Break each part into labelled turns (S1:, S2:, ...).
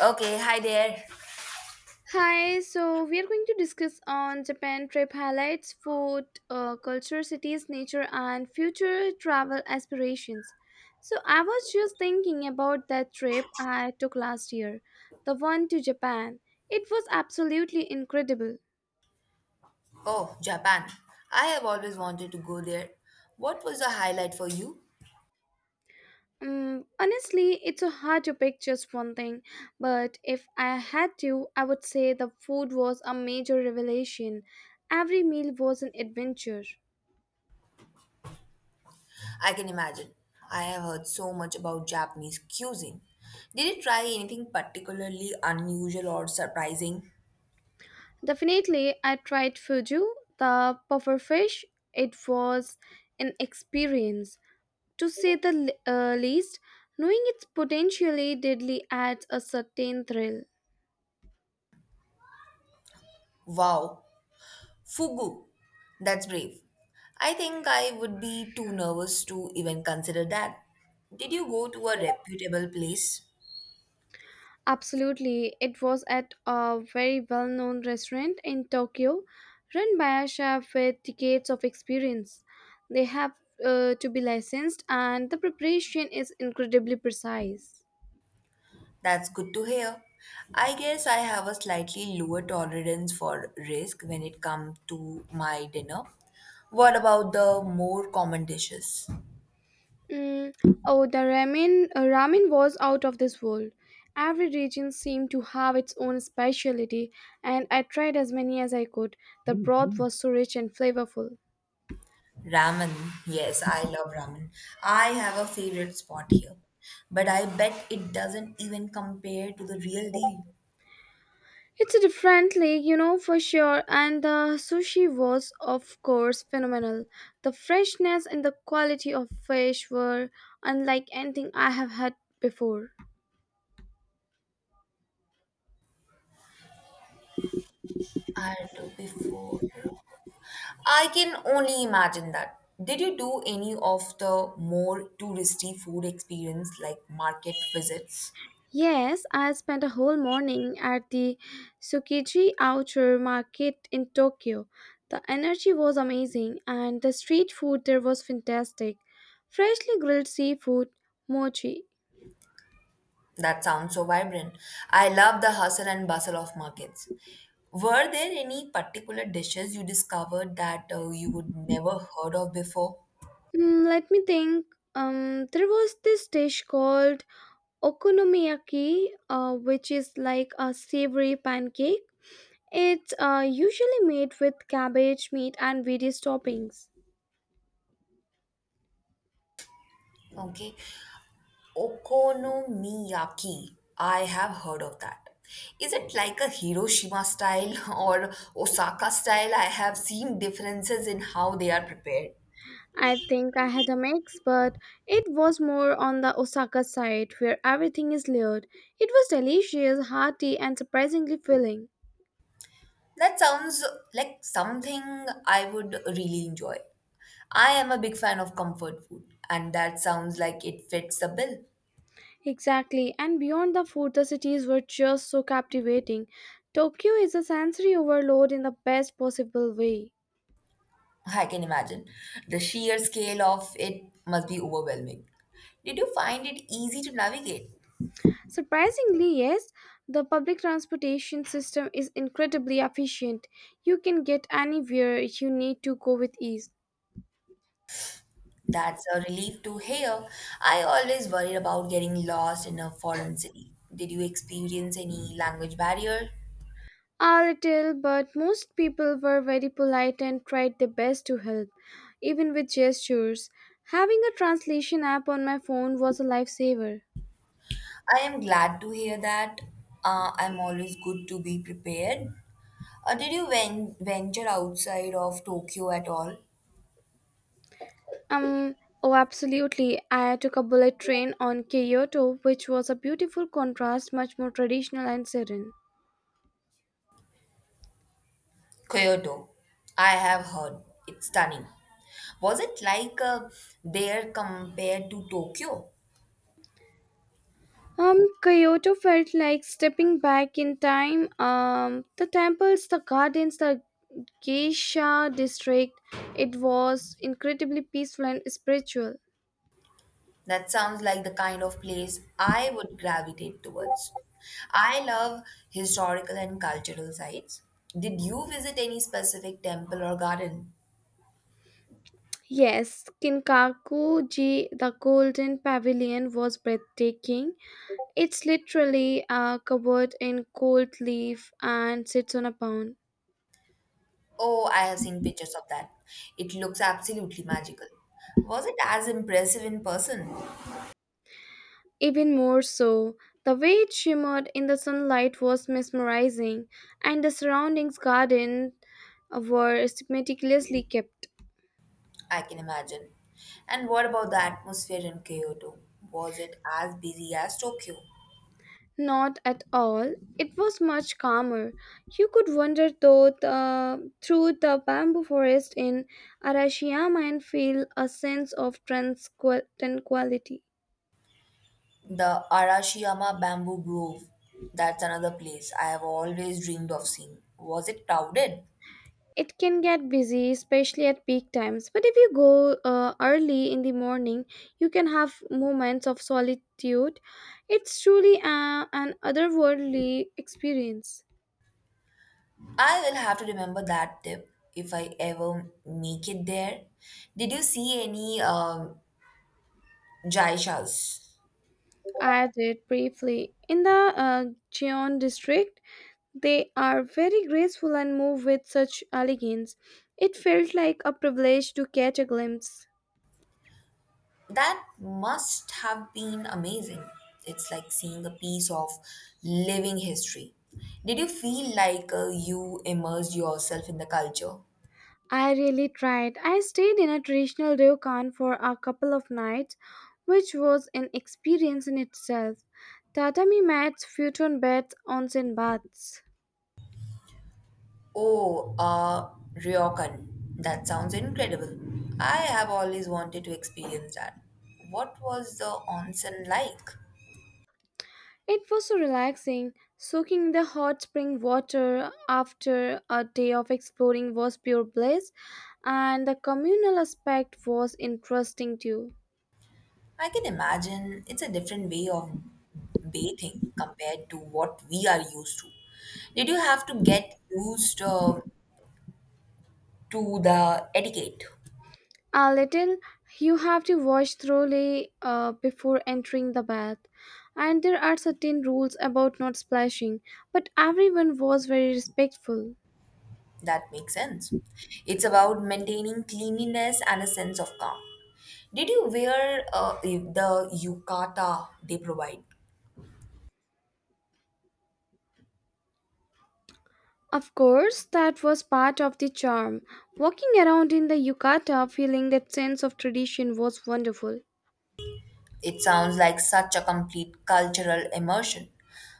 S1: Okay, hi there.
S2: Hi, so we are going to discuss on Japan trip highlights, food, culture, cities, nature, and future travel aspirations. So I was just thinking about that trip I took last year, the one to Japan. It was absolutely incredible.
S1: Oh, Japan. I have always wanted to go there. What was the highlight for you?
S2: Honestly, it's so hard to pick just one thing, but if I had to, I would say the food was a major revelation. Every meal was an adventure.
S1: I can imagine. I have heard so much about Japanese cuisine. Did you try anything particularly unusual or surprising?
S2: Definitely, I tried Fuju, the pufferfish. It was an experience, to say the least. Knowing it's potentially deadly adds a certain thrill.
S1: Wow, fugu. That's brave. I think I would be too nervous to even consider that. Did you go to a reputable place?
S2: Absolutely, it was at a very well known restaurant in Tokyo, run by a chef with decades of experience. They have to be licensed, and the preparation is incredibly precise.
S1: That's good to hear. I guess I have a slightly lower tolerance for risk when it comes to my dinner. What about the more common dishes?
S2: Mm, oh, the ramen was out of this world. Every region seemed to have its own specialty, and I tried as many as I could. The broth was so rich and flavorful.
S1: Ramen. Yes, I love ramen. I have a favorite spot here. But I bet it doesn't even compare to the real deal.
S2: It's a different league, for sure. And the sushi was, of course, phenomenal. The freshness and the quality of fish were unlike anything I have had before.
S1: I had to before. I can only imagine that. Did you do any of the more touristy food experience like market visits?
S2: Yes, I spent a whole morning at the Tsukiji Outer Market in Tokyo. The energy was amazing and the street food there was fantastic. Freshly grilled seafood, mochi.
S1: That sounds so vibrant. I love the hustle and bustle of markets. Were there any particular dishes you discovered that you would never heard of before?
S2: Hmm, let me think. There was this dish called okonomiyaki, which is like a savory pancake. It's usually made with cabbage, meat, and various toppings.
S1: Okay, okonomiyaki. I have heard of that. Is it like a Hiroshima style or Osaka style? I have seen differences in how they are prepared.
S2: I think I had a mix, but it was more on the Osaka side where everything is layered. It was delicious, hearty, and surprisingly filling.
S1: That sounds like something I would really enjoy. I am a big fan of comfort food, and that sounds like it fits the bill.
S2: Exactly, and beyond the food, the cities were just so captivating. Tokyo is a sensory overload in the best possible way.
S1: I can imagine. The sheer scale of it must be overwhelming. Did you find it easy to navigate?
S2: Surprisingly, yes, the public transportation system is incredibly efficient. You can get anywhere you need to go with ease.
S1: That's a relief to hear. I always worried about getting lost in a foreign city. Did you experience any language barrier?
S2: A little, but most people were very polite and tried their best to help, even with gestures. Having a translation app on my phone was a lifesaver.
S1: I am glad to hear that. I'm always good to be prepared. Did you venture outside of Tokyo at all?
S2: Um, oh, absolutely. I took a bullet train on Kyoto, which was a beautiful contrast, much more traditional and serene.
S1: Kyoto, I have heard. It's stunning. Was it like there compared to Tokyo?
S2: Um, Kyoto felt like stepping back in time. The temples, the gardens, the geisha district. It was incredibly peaceful and spiritual.
S1: That sounds like the kind of place I would gravitate towards. I love historical and cultural sites. Did you visit any specific temple or garden?
S2: Yes, Kinkaku-ji, the Golden Pavilion, was breathtaking. It's literally covered in gold leaf and sits on a pond.
S1: Oh, I have seen pictures of that. It looks absolutely magical. Was it as impressive in person?
S2: Even more so, the way it shimmered in the sunlight was mesmerizing, and the surroundings garden were meticulously kept.
S1: I can imagine. And what about the atmosphere in Kyoto? Was it as busy as Tokyo?
S2: Not at all. It was much calmer. You could wander through the bamboo forest in Arashiyama and feel a sense of tranquility.
S1: The Arashiyama Bamboo Grove. That's another place I have always dreamed of seeing. Was it crowded?
S2: It can get busy, especially at peak times, but if you go early in the morning, you can have moments of solitude. It's truly an otherworldly experience.
S1: I will have to remember that tip if I ever make it there. Did you see any jaishas?
S2: I did briefly in the Cheon district. They are very graceful and move with such elegance. It felt like a privilege to catch a glimpse.
S1: That must have been amazing. It's like seeing a piece of living history. Did you feel like you immersed yourself in the culture?
S2: I really tried. I stayed in a traditional ryokan for a couple of nights, which was an experience in itself. Tatami mats, futon beds, onsen baths.
S1: Oh, ryokan. That sounds incredible. I have always wanted to experience that. What was the onsen like?
S2: It was so relaxing. Soaking in the hot spring water after a day of exploring was pure bliss, and the communal aspect was interesting too.
S1: I can imagine it's a different way of bathing compared to what we are used to. Did you have to get used to the etiquette?
S2: A little. You have to wash thoroughly before entering the bath. And there are certain rules about not splashing, but everyone was very respectful.
S1: That makes sense. It's about maintaining cleanliness and a sense of calm. Did you wear the yukata they provide?
S2: Of course, that was part of the charm. Walking around in the yukata, feeling that sense of tradition was wonderful.
S1: It sounds like such a complete cultural immersion.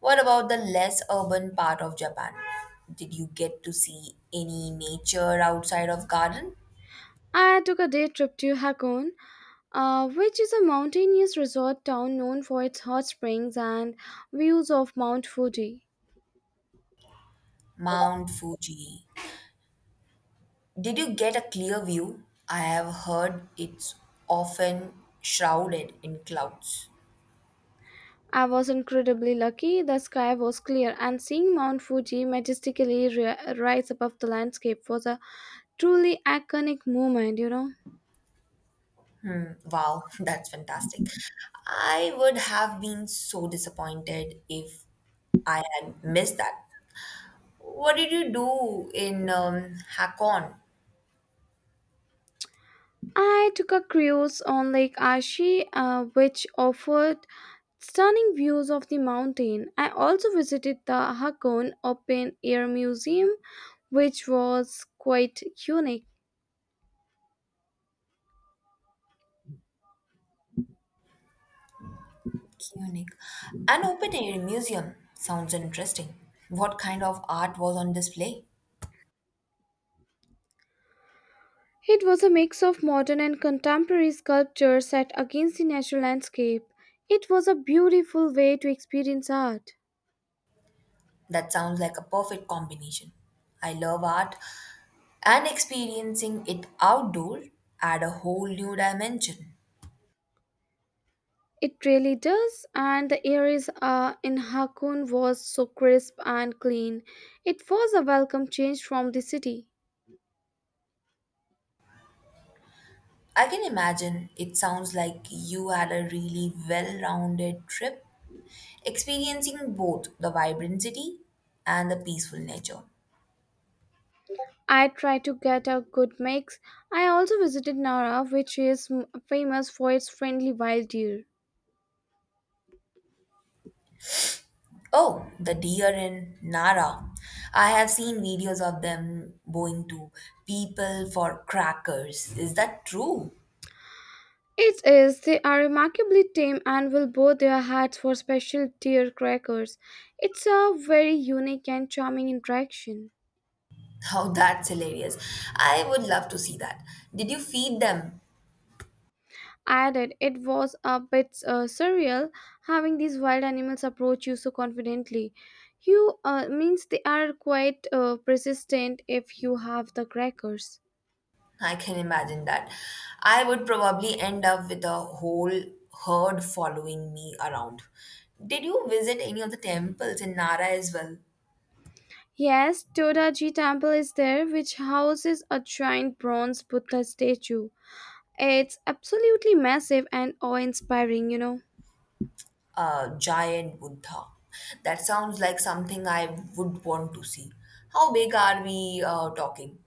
S1: What about the less urban part of Japan? Did you get to see any nature outside of garden?
S2: I took a day trip to Hakone, which is a mountainous resort town known for its hot springs and views of Mount Fuji.
S1: Mount Fuji. Did you get a clear view? I have heard it's often shrouded in clouds.
S2: I was incredibly lucky. The sky was clear, and seeing Mount Fuji majestically rise above the landscape was a truly iconic moment.
S1: Hmm, wow, that's fantastic. I would have been so disappointed if I had missed that. What did you do in Hakon?
S2: I took a cruise on Lake Aichi, which offered stunning views of the mountain. I also visited the Hakone Open Air Museum, which was quite unique.
S1: Munich? An open-air museum sounds interesting. What kind of art was on display?
S2: It was a mix of modern and contemporary sculptures set against the natural landscape. It was a beautiful way to experience art.
S1: That sounds like a perfect combination. I love art, and experiencing it outdoor add a whole new dimension.
S2: It really does, and the areas in Hakun was so crisp and clean. It was a welcome change from the city.
S1: I can imagine, it sounds like you had a really well rounded trip, experiencing both the vibrant city and the peaceful nature.
S2: I tried to get a good mix. I also visited Nara, which is famous for its friendly wild deer.
S1: Oh, the deer in Nara. I have seen videos of them going to people for crackers. Is that true?
S2: It is. They are remarkably tame and will bow their heads for special deer crackers. It's a very unique and charming interaction.
S1: Oh, that's hilarious. I would love to see that. Did you feed them?
S2: Added, it was a bit surreal having these wild animals approach you so confidently. You means they are quite persistent if you have the crackers.
S1: I can imagine that. I would probably end up with a whole herd following me around. Did you visit any of the temples in Nara as well?
S2: Yes, Todaji Temple is there, which houses a giant bronze Buddha statue. It's absolutely massive and awe-inspiring.
S1: Giant Buddha. That sounds like something I would want to see. How big are we talking?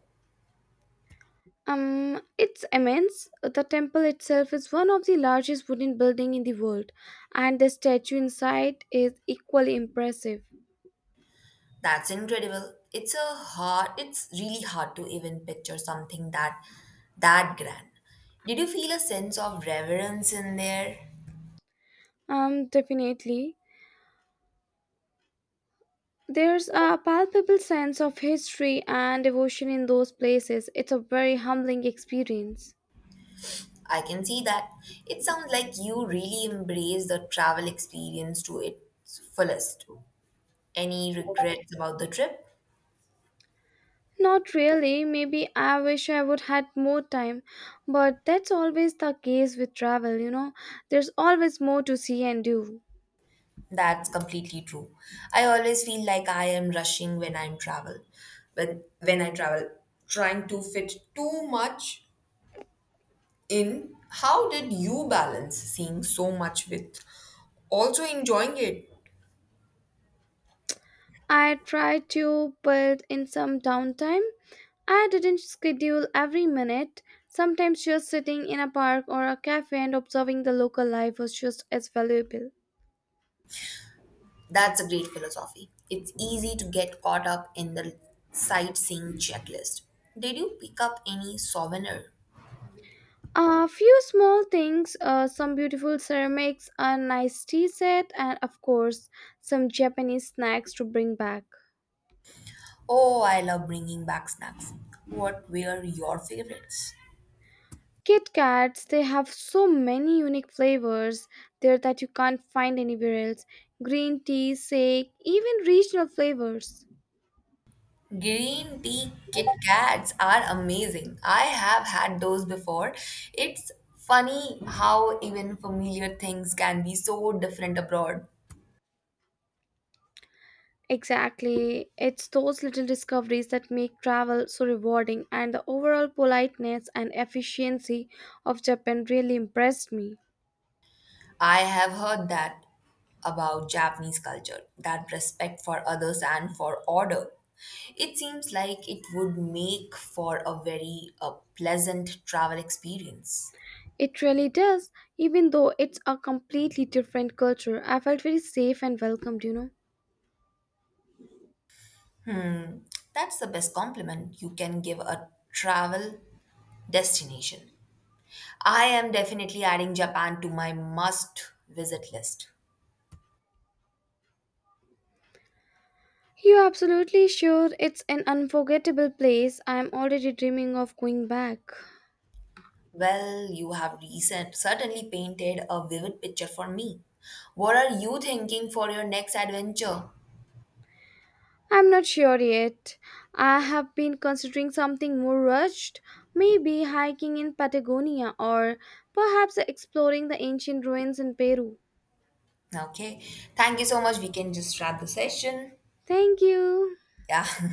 S2: It's immense. The temple itself is one of the largest wooden building in the world, and the statue inside is equally impressive.
S1: That's incredible. It's a hard. It's really hard to even picture something that that grand. Did you feel a sense of reverence in there?
S2: Definitely. There's a palpable sense of history and devotion in those places. It's a very humbling experience.
S1: I can see that. It sounds like you really embrace the travel experience to its fullest. Any regrets about the trip?
S2: Not really. Maybe I wish I would had more time, but that's always the case with travel. There's always more to see and do.
S1: That's completely true. I always feel like I am rushing when I'm travel. When I travel, trying to fit too much in. How did you balance seeing so much with also enjoying it?
S2: I tried to build in some downtime. I didn't schedule every minute. Sometimes just sitting in a park or a cafe and observing the local life was just as valuable.
S1: That's a great philosophy. It's easy to get caught up in the sightseeing checklist. Did you pick up any souvenir?
S2: A few small things, some beautiful ceramics, a nice tea set, and of course, some Japanese snacks to bring back.
S1: Oh, I love bringing back snacks. What were your favorites?
S2: Kit Kats, they have so many unique flavors there that you can't find anywhere else. Green tea, shake, even regional flavors.
S1: Green tea Kit Kats are amazing. I have had those before. It's funny how even familiar things can be so different abroad.
S2: Exactly. It's those little discoveries that make travel so rewarding, and the overall politeness and efficiency of Japan really impressed me.
S1: I have heard that about Japanese culture, that respect for others and for order. It seems like it would make for a very pleasant travel experience.
S2: It really does, even though it's a completely different culture. I felt very safe and welcomed, you know.
S1: Hmm, that's the best compliment you can give a travel destination. I am definitely adding Japan to my must visit list.
S2: You're absolutely sure it's an unforgettable place. I'm already dreaming of going back.
S1: Well, you have recent, certainly painted a vivid picture for me. What are you thinking for your next adventure?
S2: I'm not sure yet. I have been considering something more rushed, maybe hiking in Patagonia or perhaps exploring the ancient ruins in Peru.
S1: Okay, thank you so much. We can just wrap the session.
S2: Thank you.
S1: Yeah.